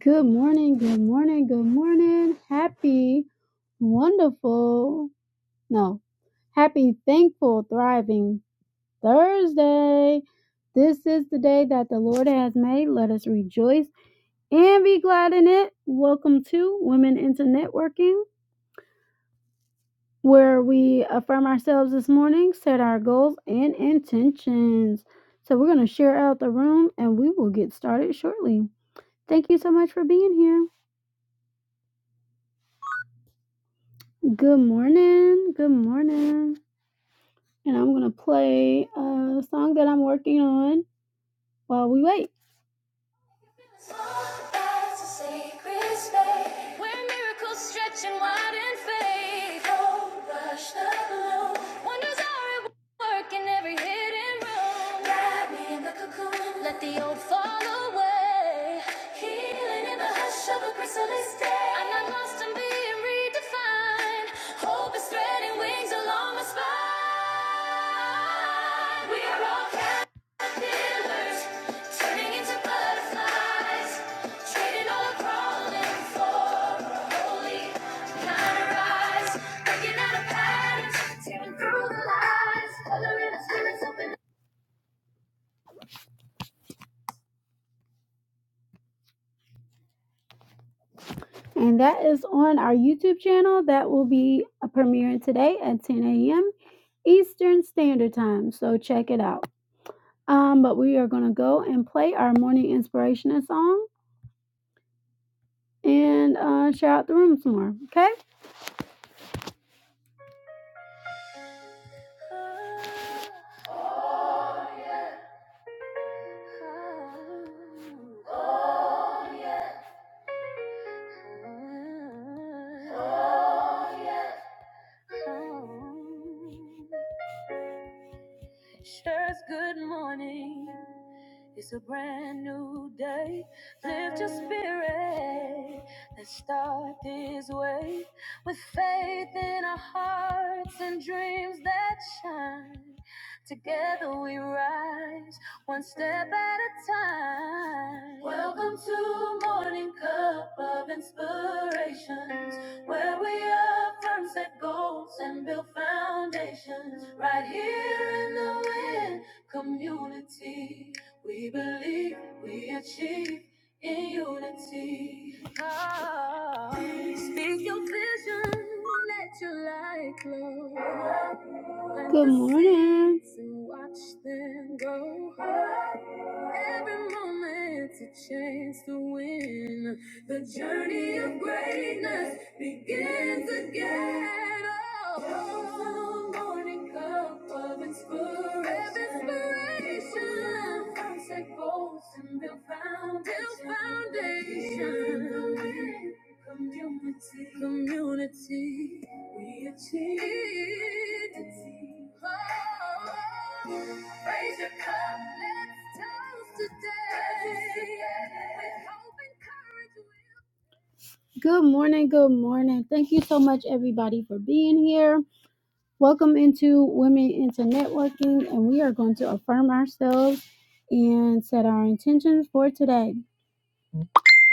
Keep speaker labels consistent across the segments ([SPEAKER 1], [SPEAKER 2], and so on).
[SPEAKER 1] Good morning, good morning, good morning. Happy, wonderful, no, happy, thankful, thriving Thursday. This is the day that the Lord has made. Let us rejoice and be glad in it. Welcome to Women into Networking, where we affirm ourselves this morning, set our goals and intentions. So, we're going to share out the room and we will get started shortly. Thank you so much for being here. Good morning. Good morning. And I'm going to play a song that I'm working on while we wait. And that is on our YouTube channel. That will be premiering today at 10 a.m. Eastern Standard Time. So check it out. Um, but we are going to go and play our morning inspirational song and uh, share out the room some more. Okay. Oh, speak your vision, let your light glow. Good morning. And watch them go. Every moment to chance to win. Good morning, good morning. Thank you so much, everybody, for being here. Welcome into Women into Networking, and we are going to affirm ourselves and set our intentions for today.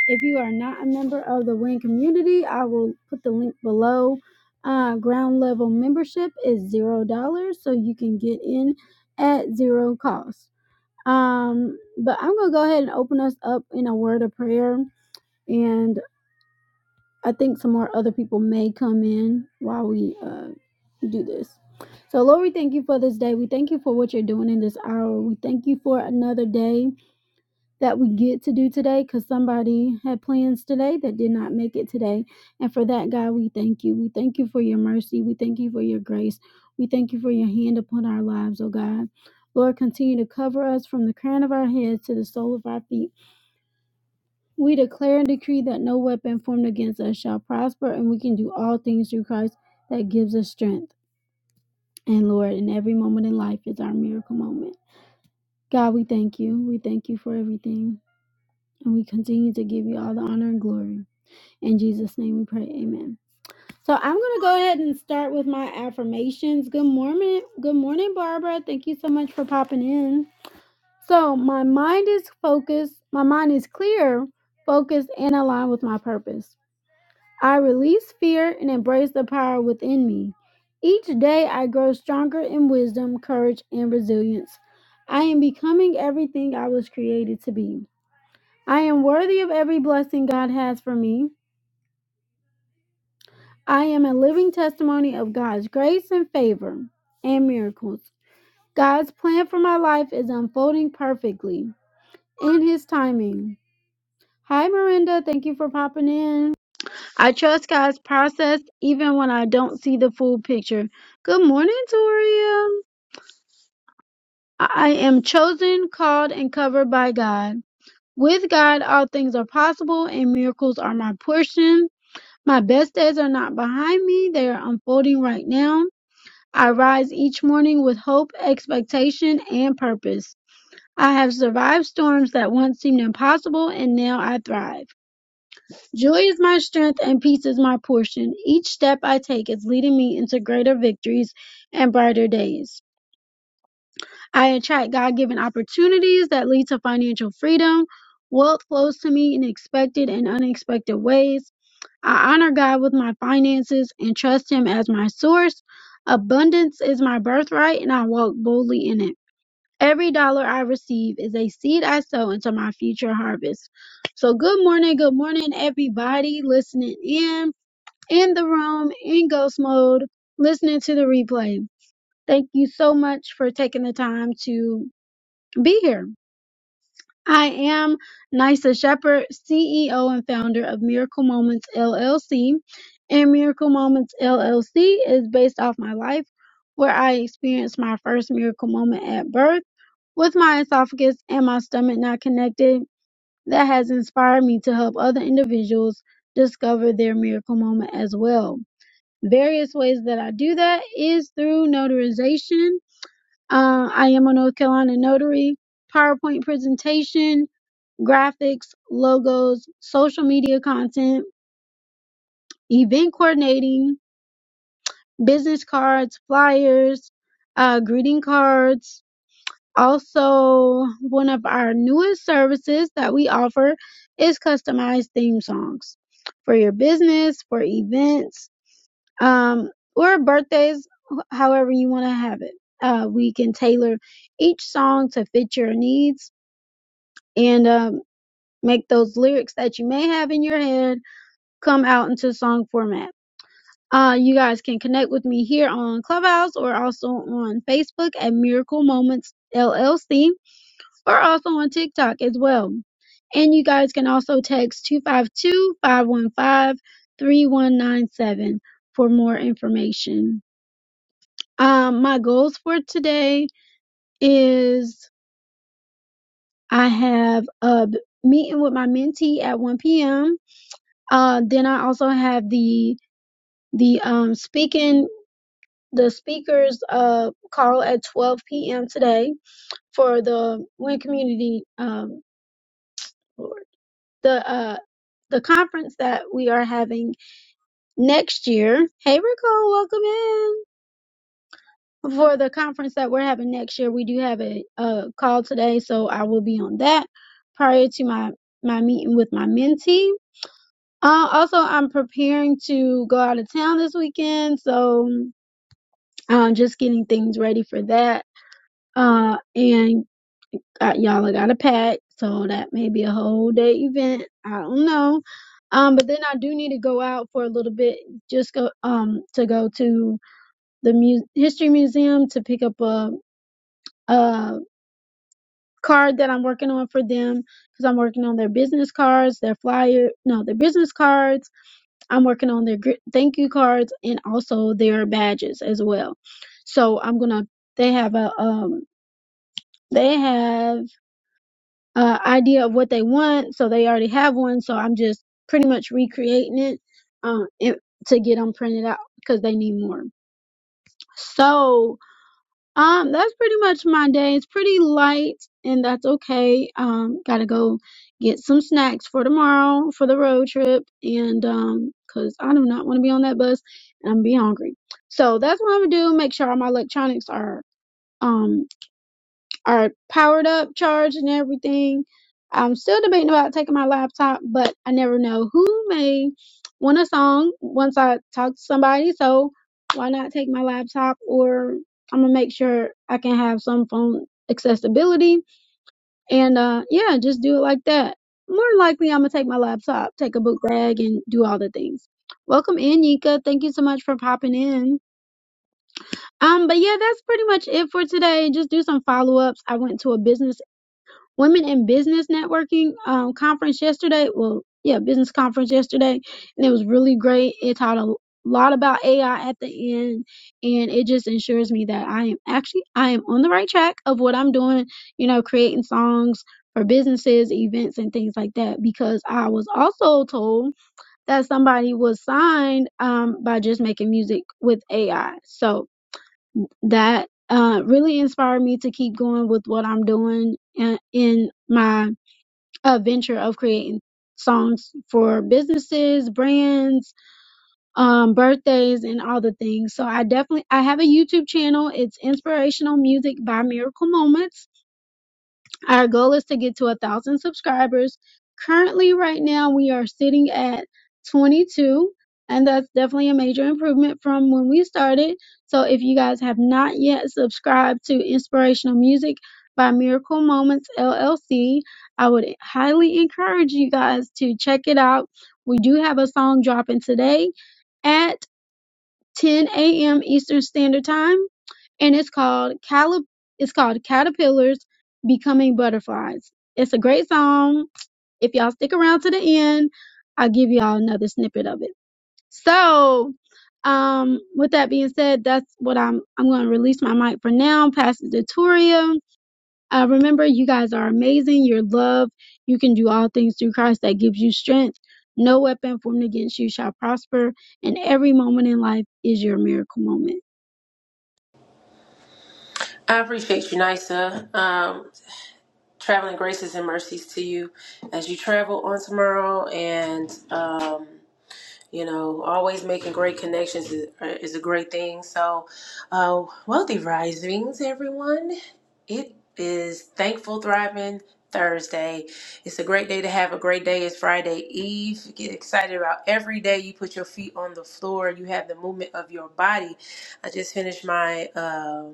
[SPEAKER 1] If you are not a member of the WIN community, I will put the link below. Uh, ground level membership is zero dollars, so you can get in at zero cost. Um, but I'm gonna go ahead and open us up in a word of prayer, and I think some more other people may come in while we uh, do this. So, Lord, we thank you for this day. We thank you for what you're doing in this hour. We thank you for another day that we get to do today because somebody had plans today that did not make it today. And for that, God, we thank you. We thank you for your mercy. We thank you for your grace. We thank you for your hand upon our lives, oh God. Lord, continue to cover us from the crown of our heads to the sole of our feet. We declare and decree that no weapon formed against us shall prosper, and we can do all things through Christ that gives us strength. And Lord, in every moment in life is our miracle moment. God, we thank you. We thank you for everything. And we continue to give you all the honor and glory. In Jesus' name we pray. Amen. So I'm gonna go ahead and start with my affirmations. Good morning. Good morning, Barbara. Thank you so much for popping in. So my mind is focused, my mind is clear, focused, and aligned with my purpose. I release fear and embrace the power within me. Each day I grow stronger in wisdom, courage, and resilience. I am becoming everything I was created to be. I am worthy of every blessing God has for me. I am a living testimony of God's grace and favor and miracles. God's plan for my life is unfolding perfectly in His timing. Hi, Miranda. Thank you for popping in. I trust God's process even when I don't see the full picture. Good morning, Toria. I am chosen, called, and covered by God. With God, all things are possible, and miracles are my portion. My best days are not behind me, they are unfolding right now. I rise each morning with hope, expectation, and purpose. I have survived storms that once seemed impossible, and now I thrive. Joy is my strength, and peace is my portion. Each step I take is leading me into greater victories and brighter days. I attract God given opportunities that lead to financial freedom. Wealth flows to me in expected and unexpected ways. I honor God with my finances and trust Him as my source. Abundance is my birthright, and I walk boldly in it. Every dollar I receive is a seed I sow into my future harvest. So, good morning, good morning, everybody listening in, in the room, in ghost mode, listening to the replay. Thank you so much for taking the time to be here. I am Nysa Shepherd, CEO and founder of Miracle Moments LLC. And Miracle Moments LLC is based off my life, where I experienced my first miracle moment at birth with my esophagus and my stomach not connected. That has inspired me to help other individuals discover their miracle moment as well. Various ways that I do that is through notarization. Uh, I am a North Carolina notary, PowerPoint presentation, graphics, logos, social media content, event coordinating, business cards, flyers, uh, greeting cards. Also, one of our newest services that we offer is customized theme songs for your business, for events, um, or birthdays, wh- however you want to have it. Uh, we can tailor each song to fit your needs and um, make those lyrics that you may have in your head come out into song format. Uh, you guys can connect with me here on Clubhouse or also on Facebook at Miracle Moments LLC or also on TikTok as well. And you guys can also text 252 515 3197 for more information. Um, my goals for today is I have a b- meeting with my mentee at 1 p.m. Uh, then I also have the the um, speaking the speakers uh, call at 12 p.m. today for the Win Community um, the uh, the conference that we are having next year. Hey, Rico, welcome in. For the conference that we're having next year, we do have a, a call today, so I will be on that prior to my my meeting with my mentee. Uh, also, I'm preparing to go out of town this weekend, so um, just getting things ready for that uh, and uh, y'all I gotta pack, so that may be a whole day event. I don't know. Um, but then I do need to go out for a little bit, just go um to go to the mu- history museum to pick up a a card that I'm working on for them because I'm working on their business cards, their flyer, no, their business cards. I'm working on their gr- thank you cards and also their badges as well. So I'm gonna. They have a um. They have uh, idea of what they want, so they already have one. So I'm just pretty much recreating it, um, it to get them printed out because they need more. So um, that's pretty much my day. It's pretty light, and that's okay. Um, gotta go get some snacks for tomorrow for the road trip, and um, cause I do not want to be on that bus, and I'm gonna be hungry. So that's what I'm gonna do. Make sure all my electronics are um are powered up, charged, and everything. I'm still debating about taking my laptop, but I never know who may want a song once I talk to somebody. So why not take my laptop? Or I'm gonna make sure I can have some phone accessibility, and uh, yeah, just do it like that. More than likely, I'm gonna take my laptop, take a book bag, and do all the things. Welcome in, Nika. Thank you so much for popping in. Um, but yeah, that's pretty much it for today. Just do some follow ups. I went to a business Women in Business Networking um, conference yesterday. Well, yeah, business conference yesterday, and it was really great. It taught a lot about AI at the end, and it just ensures me that I am actually I am on the right track of what I'm doing. You know, creating songs for businesses, events, and things like that. Because I was also told that somebody was signed um, by just making music with AI. So that uh, really inspired me to keep going with what I'm doing in, in my uh, venture of creating songs for businesses, brands, um, birthdays, and all the things. So I definitely I have a YouTube channel. It's Inspirational Music by Miracle Moments our goal is to get to a thousand subscribers. Currently, right now, we are sitting at 22, and that's definitely a major improvement from when we started. So, if you guys have not yet subscribed to Inspirational Music by Miracle Moments LLC, I would highly encourage you guys to check it out. We do have a song dropping today at 10 a.m. Eastern Standard Time and it's called Calip- it's called Caterpillars Becoming Butterflies. It's a great song. If y'all stick around to the end, I'll give y'all another snippet of it. So, um, with that being said, that's what I'm I'm going to release my mic for now. Pass it to Toria. Uh, remember, you guys are amazing. You're loved. You can do all things through Christ that gives you strength. No weapon formed against you shall prosper, and every moment in life is your miracle moment.
[SPEAKER 2] I appreciate you, Nisa. Um, traveling graces and mercies to you as you travel on tomorrow, and um, you know, always making great connections is, uh, is a great thing. So, uh, wealthy risings, everyone. It is thankful, thriving Thursday. It's a great day to have a great day. It's Friday Eve. Get excited about every day you put your feet on the floor. You have the movement of your body. I just finished my. um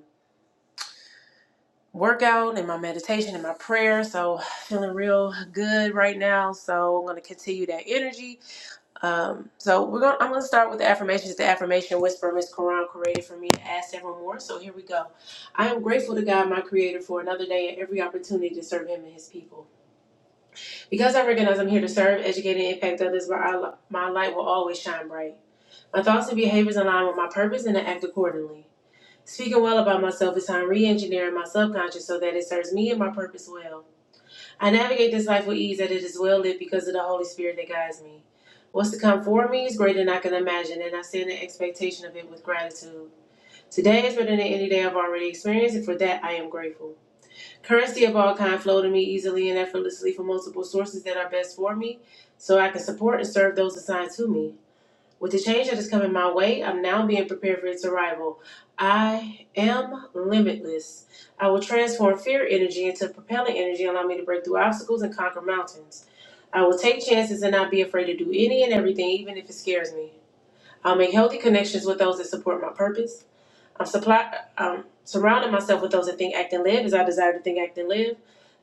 [SPEAKER 2] workout and my meditation and my prayer. So feeling real good right now. So I'm gonna continue that energy. Um, so we're gonna I'm gonna start with the affirmations. The affirmation whisper Miss Quran created for me to add several more. So here we go. I am grateful to God my creator for another day and every opportunity to serve him and his people. Because I recognize I'm here to serve, educate, and impact others, my, I- my light will always shine bright. My thoughts and behaviors align with my purpose and I act accordingly. Speaking well about myself is how I'm re-engineering my subconscious so that it serves me and my purpose well. I navigate this life with ease that it is well lit because of the Holy Spirit that guides me. What's to come for me is greater than I can imagine, and I stand in expectation of it with gratitude. Today is better than any day I've already experienced, and for that I am grateful. Currency of all kind flow to me easily and effortlessly from multiple sources that are best for me, so I can support and serve those assigned to me. With the change that is coming my way, I'm now being prepared for its arrival. I am limitless. I will transform fear energy into propelling energy, allowing me to break through obstacles and conquer mountains. I will take chances and not be afraid to do any and everything, even if it scares me. I'll make healthy connections with those that support my purpose. I'm supply um surrounding myself with those that think, act, and live as I desire to think, act, and live.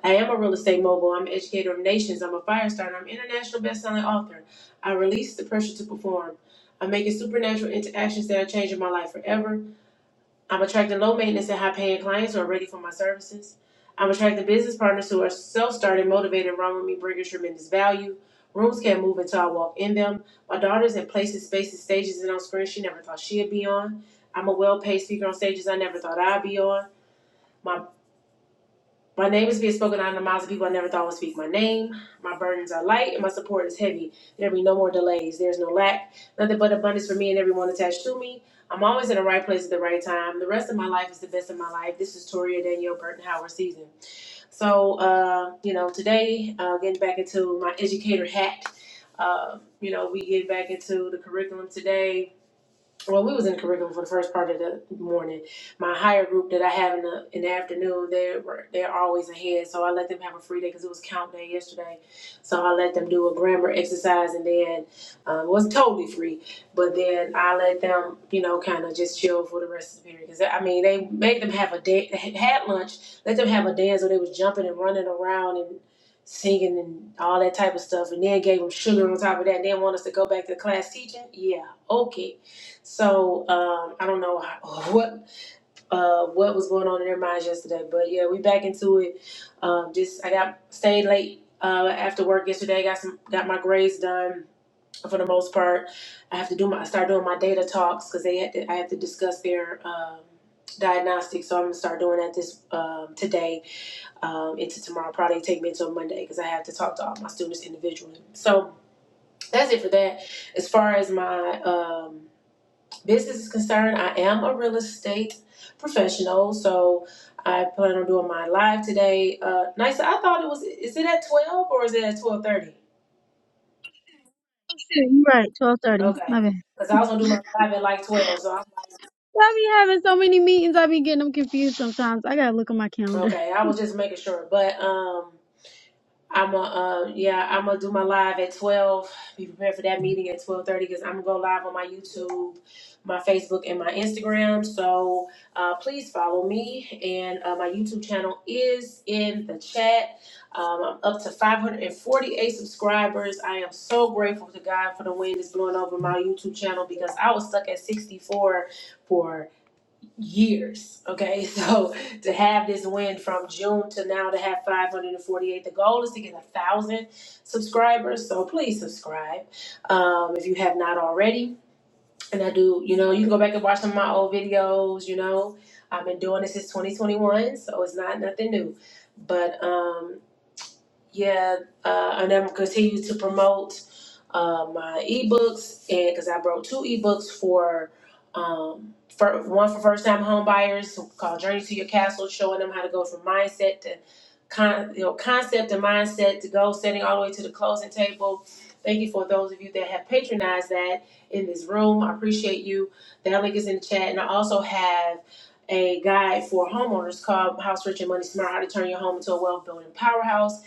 [SPEAKER 2] I am a real estate mogul. I'm an educator of nations. I'm a fire starter. I'm an international best-selling author. I release the pressure to perform. I'm making supernatural interactions that are changing my life forever. I'm attracting low maintenance and high paying clients who are ready for my services. I'm attracting business partners who are self started, motivated, and run with me, bringing tremendous value. Rooms can't move until I walk in them. My daughter's in places, spaces, stages, and on screens she never thought she'd be on. I'm a well paid speaker on stages I never thought I'd be on. My my name is being spoken out of the mouths of people I never thought would speak my name. My burdens are light and my support is heavy. There be no more delays. There's no lack. Nothing but abundance for me and everyone attached to me. I'm always in the right place at the right time. The rest of my life is the best of my life. This is Toria Danielle Burton Howard season. So, uh, you know, today, uh, getting back into my educator hat, uh, you know, we get back into the curriculum today well, we was in the curriculum for the first part of the morning. My higher group that I have in the in the afternoon, they were they're always ahead, so I let them have a free day because it was count day yesterday. So I let them do a grammar exercise, and then um, it was totally free. But then I let them, you know, kind of just chill for the rest of the period because I mean they made them have a day, had lunch, let them have a dance, so they was jumping and running around and singing and all that type of stuff, and then gave them sugar on top of that. and Then want us to go back to class teaching? Yeah, okay. So um, I don't know how, what uh, what was going on in their minds yesterday, but yeah, we back into it. Um, just I got stayed late uh, after work yesterday. Got some got my grades done for the most part. I have to do my I start doing my data talks because they had to, I have to discuss their um, diagnostics. So I'm gonna start doing that this um, today um, into tomorrow. Probably take me until Monday because I have to talk to all my students individually. So that's it for that. As far as my um, business is concerned, I am a real estate professional, so I plan on doing my live today. Uh, nice. I thought it was. Is it at twelve or is it at twelve thirty?
[SPEAKER 1] Shoot, You're right, twelve thirty.
[SPEAKER 2] Okay,
[SPEAKER 1] My bad.
[SPEAKER 2] because I was gonna do my live at like twelve. So I,
[SPEAKER 1] I be having so many meetings, I be getting them confused sometimes. I gotta look on my calendar.
[SPEAKER 2] okay, I was just making sure. But um, I'm a uh, yeah. I'm gonna do my live at twelve. Be prepared for that meeting at twelve thirty because I'm gonna go live on my YouTube, my Facebook, and my Instagram. So uh, please follow me. And uh, my YouTube channel is in the chat. Um, I'm up to 548 subscribers. I am so grateful to God for the wind that's blowing over my YouTube channel because I was stuck at 64 for years. Okay, so to have this win from June to now to have 548, the goal is to get a thousand subscribers. So please subscribe um, if you have not already. And I do, you know, you can go back and watch some of my old videos. You know, I've been doing this since 2021, so it's not nothing new. But um, yeah, uh, and I'm continue to promote uh, my ebooks, and because I wrote two ebooks for, um, for one for first time home buyers called Journey to Your Castle, showing them how to go from mindset to con, you know, concept and mindset to goal setting all the way to the closing table. Thank you for those of you that have patronized that in this room. I appreciate you. That link is in the chat, and I also have. A guide for homeowners called House Rich and Money Smart How to Turn Your Home into a Wealth Building Powerhouse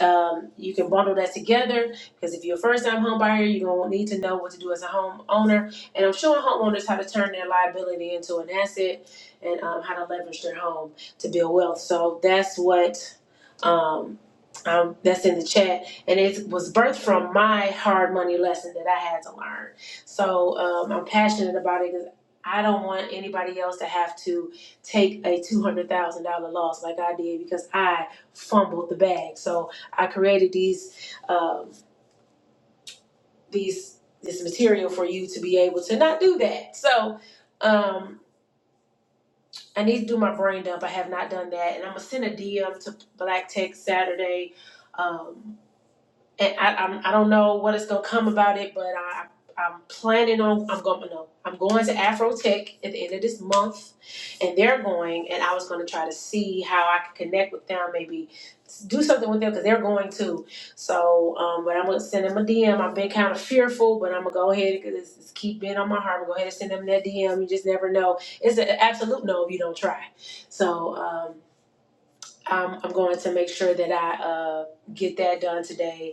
[SPEAKER 2] um, you can bundle that together because if you're a first-time home buyer, you're gonna need to know what to do as a homeowner. And I'm showing homeowners how to turn their liability into an asset and um, how to leverage their home to build wealth. So that's what um, um, that's in the chat, and it was birthed from my hard money lesson that I had to learn. So um, I'm passionate about it because I don't want anybody else to have to take a two hundred thousand dollar loss like I did because I fumbled the bag. So I created these um, these this material for you to be able to not do that. So um, I need to do my brain dump. I have not done that, and I'm gonna send a DM to Black Tech Saturday. Um, and I, I'm, I don't know what is gonna come about it, but I, I'm planning on I'm going no I'm going to Afro Tech at the end of this month, and they're going, and I was gonna try to see how I could connect with them, maybe do something with them because they're going too. So, um, but I'm gonna send them a DM. I've been kind of fearful, but I'm gonna go ahead because it's, it's keep being on my heart. I'm gonna go ahead and send them that DM. You just never know. It's an absolute no if you don't try. So. Um, I'm, I'm going to make sure that I uh, get that done today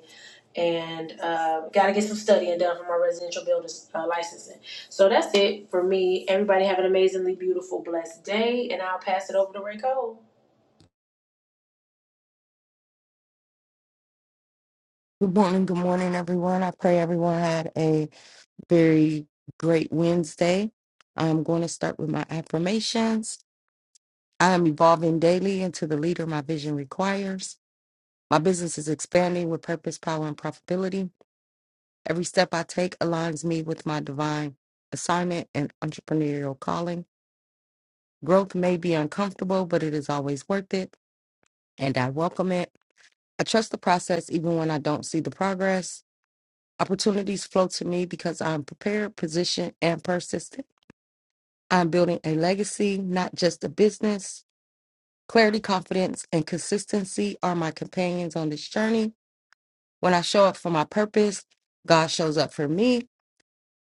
[SPEAKER 2] and uh, got to get some studying done for my residential builder uh, licensing. So that's it for me. Everybody have an amazingly beautiful, blessed day, and I'll pass it over to Ray Cole.
[SPEAKER 3] Good morning, good morning, everyone. I pray everyone had a very great Wednesday. I'm going to start with my affirmations. I am evolving daily into the leader my vision requires. My business is expanding with purpose, power, and profitability. Every step I take aligns me with my divine assignment and entrepreneurial calling. Growth may be uncomfortable, but it is always worth it, and I welcome it. I trust the process even when I don't see the progress. Opportunities flow to me because I'm prepared, positioned, and persistent. I'm building a legacy, not just a business. Clarity, confidence, and consistency are my companions on this journey. When I show up for my purpose, God shows up for me.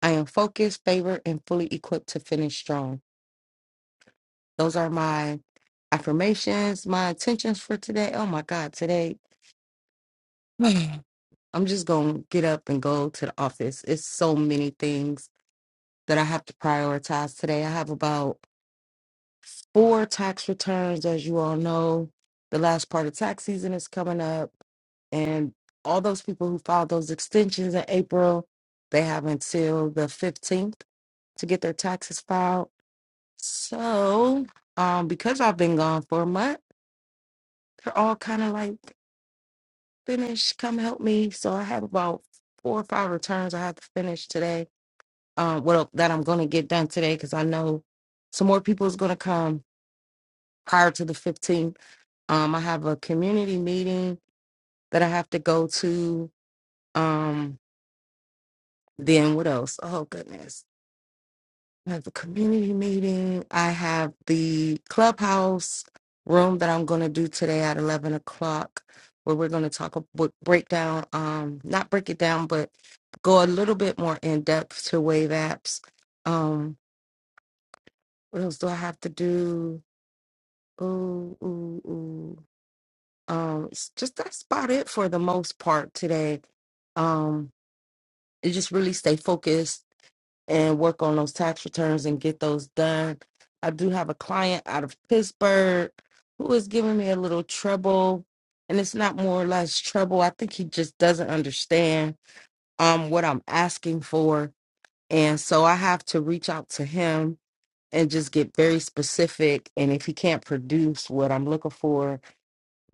[SPEAKER 3] I am focused, favored, and fully equipped to finish strong. Those are my affirmations, my intentions for today. Oh my God, today, man, I'm just going to get up and go to the office. It's so many things that I have to prioritize today. I have about for tax returns. As you all know, the last part of tax season is coming up, and all those people who filed those extensions in April, they have until the 15th to get their taxes filed. So, um, because I've been gone for a month, they're all kind of like, finish, come help me. So, I have about four or five returns I have to finish today. Um, well, that I'm going to get done today because I know some more people is going to come prior to the 15th Um, I have a community meeting that I have to go to. Um, then what else? Oh goodness. I have a community meeting. I have the clubhouse room that I'm gonna do today at eleven o'clock where we're gonna talk about break down, um, not break it down, but go a little bit more in depth to wave apps. Um, what else do I have to do? Ooh, ooh, ooh. Um, it's just that's about it for the most part today. Um, is just really stay focused and work on those tax returns and get those done. I do have a client out of Pittsburgh who is giving me a little trouble, and it's not more or less trouble. I think he just doesn't understand um what I'm asking for, and so I have to reach out to him and just get very specific. And if he can't produce what I'm looking for,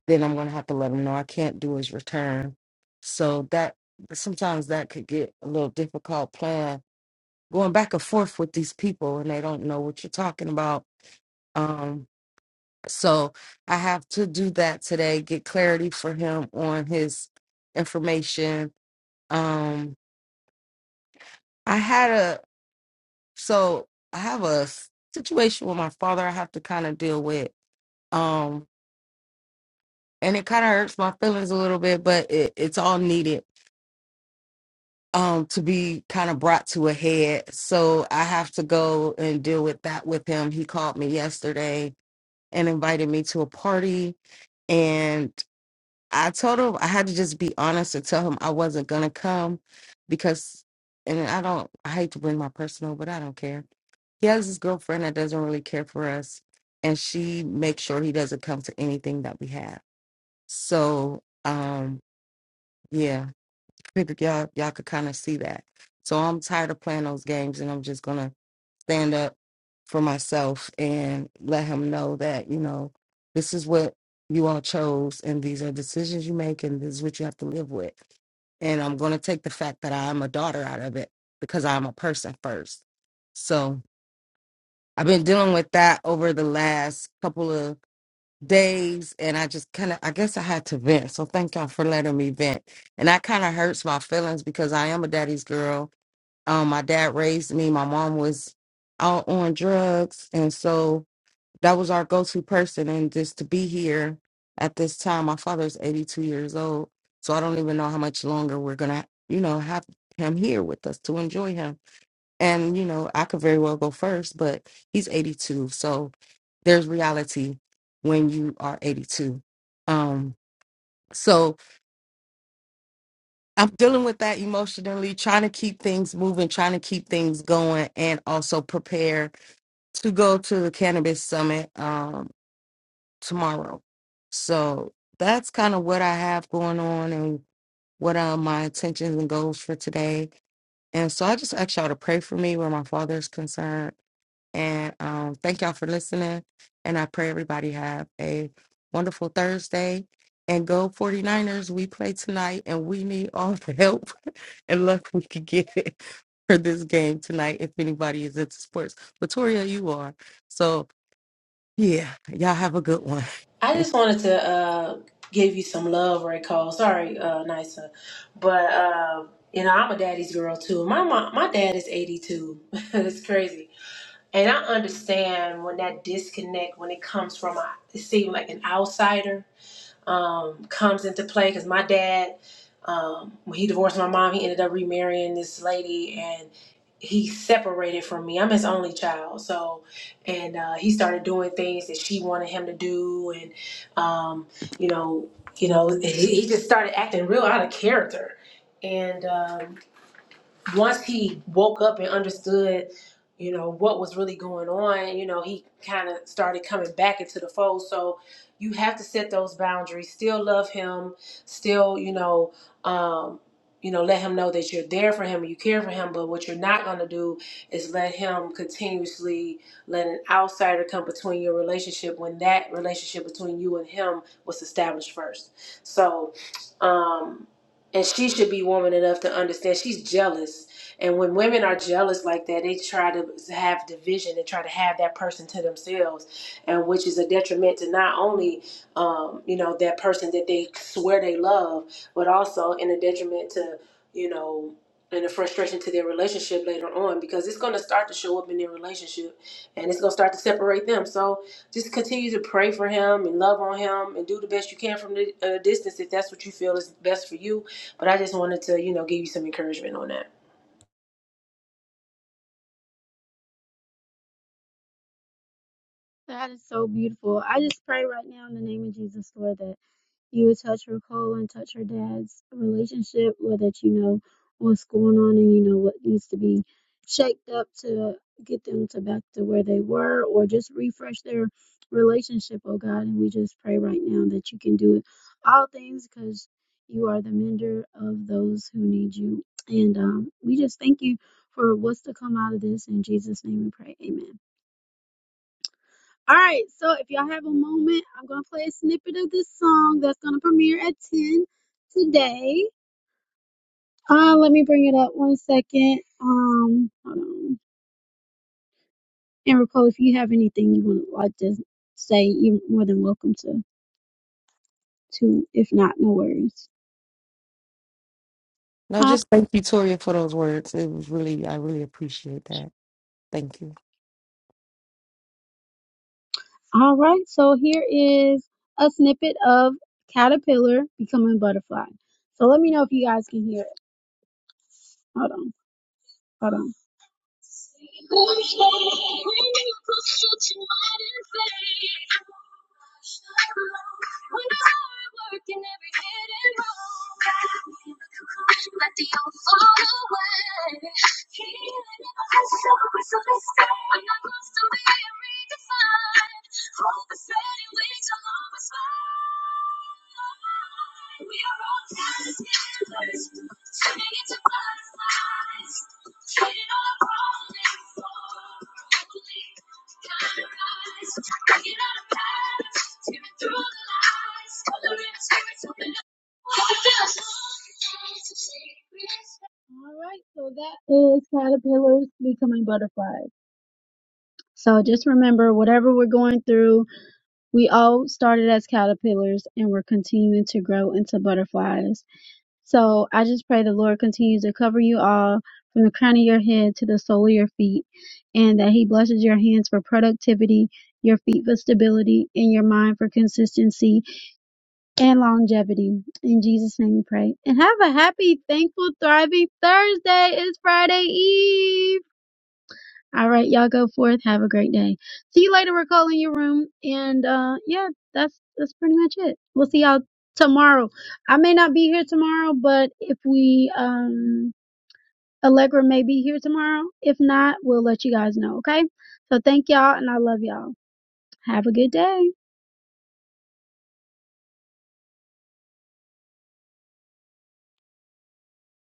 [SPEAKER 3] then I'm gonna have to let him know I can't do his return. So that sometimes that could get a little difficult plan going back and forth with these people and they don't know what you're talking about. Um, so I have to do that today, get clarity for him on his information. Um, I had a so I have a situation with my father I have to kind of deal with. Um, and it kind of hurts my feelings a little bit, but it, it's all needed um to be kind of brought to a head so i have to go and deal with that with him he called me yesterday and invited me to a party. And I told him I had to just be honest and tell him I wasn't gonna come because, and I don't, I hate to bring my personal, but I don't care. He has this girlfriend that doesn't really care for us, and she makes sure he doesn't come to anything that we have. So, um, yeah, figured y'all y'all could kind of see that. So I'm tired of playing those games, and I'm just gonna stand up for myself and let him know that, you know, this is what you all chose and these are decisions you make and this is what you have to live with. And I'm going to take the fact that I am a daughter out of it because I'm a person first. So I've been dealing with that over the last couple of days and I just kind of, I guess I had to vent. So thank y'all for letting me vent. And that kind of hurts my feelings because I am a daddy's girl um, my dad raised me. My mom was out on drugs, and so that was our go-to person. And just to be here at this time, my father's 82 years old, so I don't even know how much longer we're gonna, you know, have him here with us to enjoy him. And you know, I could very well go first, but he's 82, so there's reality when you are 82. Um, so I'm dealing with that emotionally, trying to keep things moving, trying to keep things going, and also prepare to go to the cannabis summit um, tomorrow. So that's kind of what I have going on and what are my intentions and goals for today. And so I just ask y'all to pray for me where my father is concerned. And um, thank y'all for listening. And I pray everybody have a wonderful Thursday. And go 49ers. We play tonight and we need all the help and luck we could get for this game tonight if anybody is into sports. Latoria, you are. So, yeah, y'all have a good one.
[SPEAKER 2] I just wanted to uh, give you some love, Ray Cole. Sorry, uh, Nisa, but uh, you know I'm a daddy's girl too. My mom, my dad is 82. it's crazy. And I understand when that disconnect, when it comes from, a, it seems like an outsider, um, comes into play. Because my dad, um, when he divorced my mom, he ended up remarrying this lady, and he separated from me. I'm his only child, so, and uh, he started doing things that she wanted him to do, and, um, you know, you know, he, he just started acting real out of character, and. um, once he woke up and understood, you know, what was really going on, you know, he kind of started coming back into the fold. So you have to set those boundaries, still love him, still, you know, um, you know, let him know that you're there for him and you care for him. But what you're not going to do is let him continuously let an outsider come between your relationship when that relationship between you and him was established first. So, um, and she should be woman enough to understand she's jealous and when women are jealous like that they try to have division and try to have that person to themselves and which is a detriment to not only um, you know that person that they swear they love but also in a detriment to you know and a frustration to their relationship later on because it's going to start to show up in their relationship and it's going to start to separate them. So just continue to pray for him and love on him and do the best you can from the uh, distance if that's what you feel is best for you. But I just wanted to, you know, give you some encouragement on that.
[SPEAKER 1] That is so beautiful. I just pray right now in the name of Jesus, Lord, that you would touch her coal and touch her dad's relationship, or that you know what's going on and you know what needs to be shaped up to get them to back to where they were, or just refresh their relationship, oh God. And we just pray right now that you can do it all things because you are the mender of those who need you. And um, we just thank you for what's to come out of this. In Jesus' name we pray. Amen. All right, so if y'all have a moment, I'm gonna play a snippet of this song that's gonna premiere at 10 today. Uh, let me bring it up one second. Um, hold on. And Nicole, if you have anything you would like to say, you're more than welcome to. To if not, no worries.
[SPEAKER 3] no,
[SPEAKER 1] Uh,
[SPEAKER 3] just thank you, Toria, for those words. It was really, I really appreciate that. Thank you.
[SPEAKER 1] all right, so here is a snippet of caterpillar becoming butterfly. So let me know if you guys can hear it. Hold on, hold on. All right, so that is caterpillars becoming butterfly. So just remember, whatever we're going through, we all started as caterpillars and we're continuing to grow into butterflies. So I just pray the Lord continues to cover you all from the crown of your head to the sole of your feet and that He blesses your hands for productivity, your feet for stability, and your mind for consistency and longevity. In Jesus' name we pray. And have a happy, thankful, thriving Thursday. It's Friday Eve. All right, y'all go forth. Have a great day. See you later. We're calling your room, and uh, yeah, that's that's pretty much it. We'll see y'all tomorrow. I may not be here tomorrow, but if we um Allegra may be here tomorrow. If not, we'll let you guys know. Okay. So thank y'all, and I love y'all. Have a good day.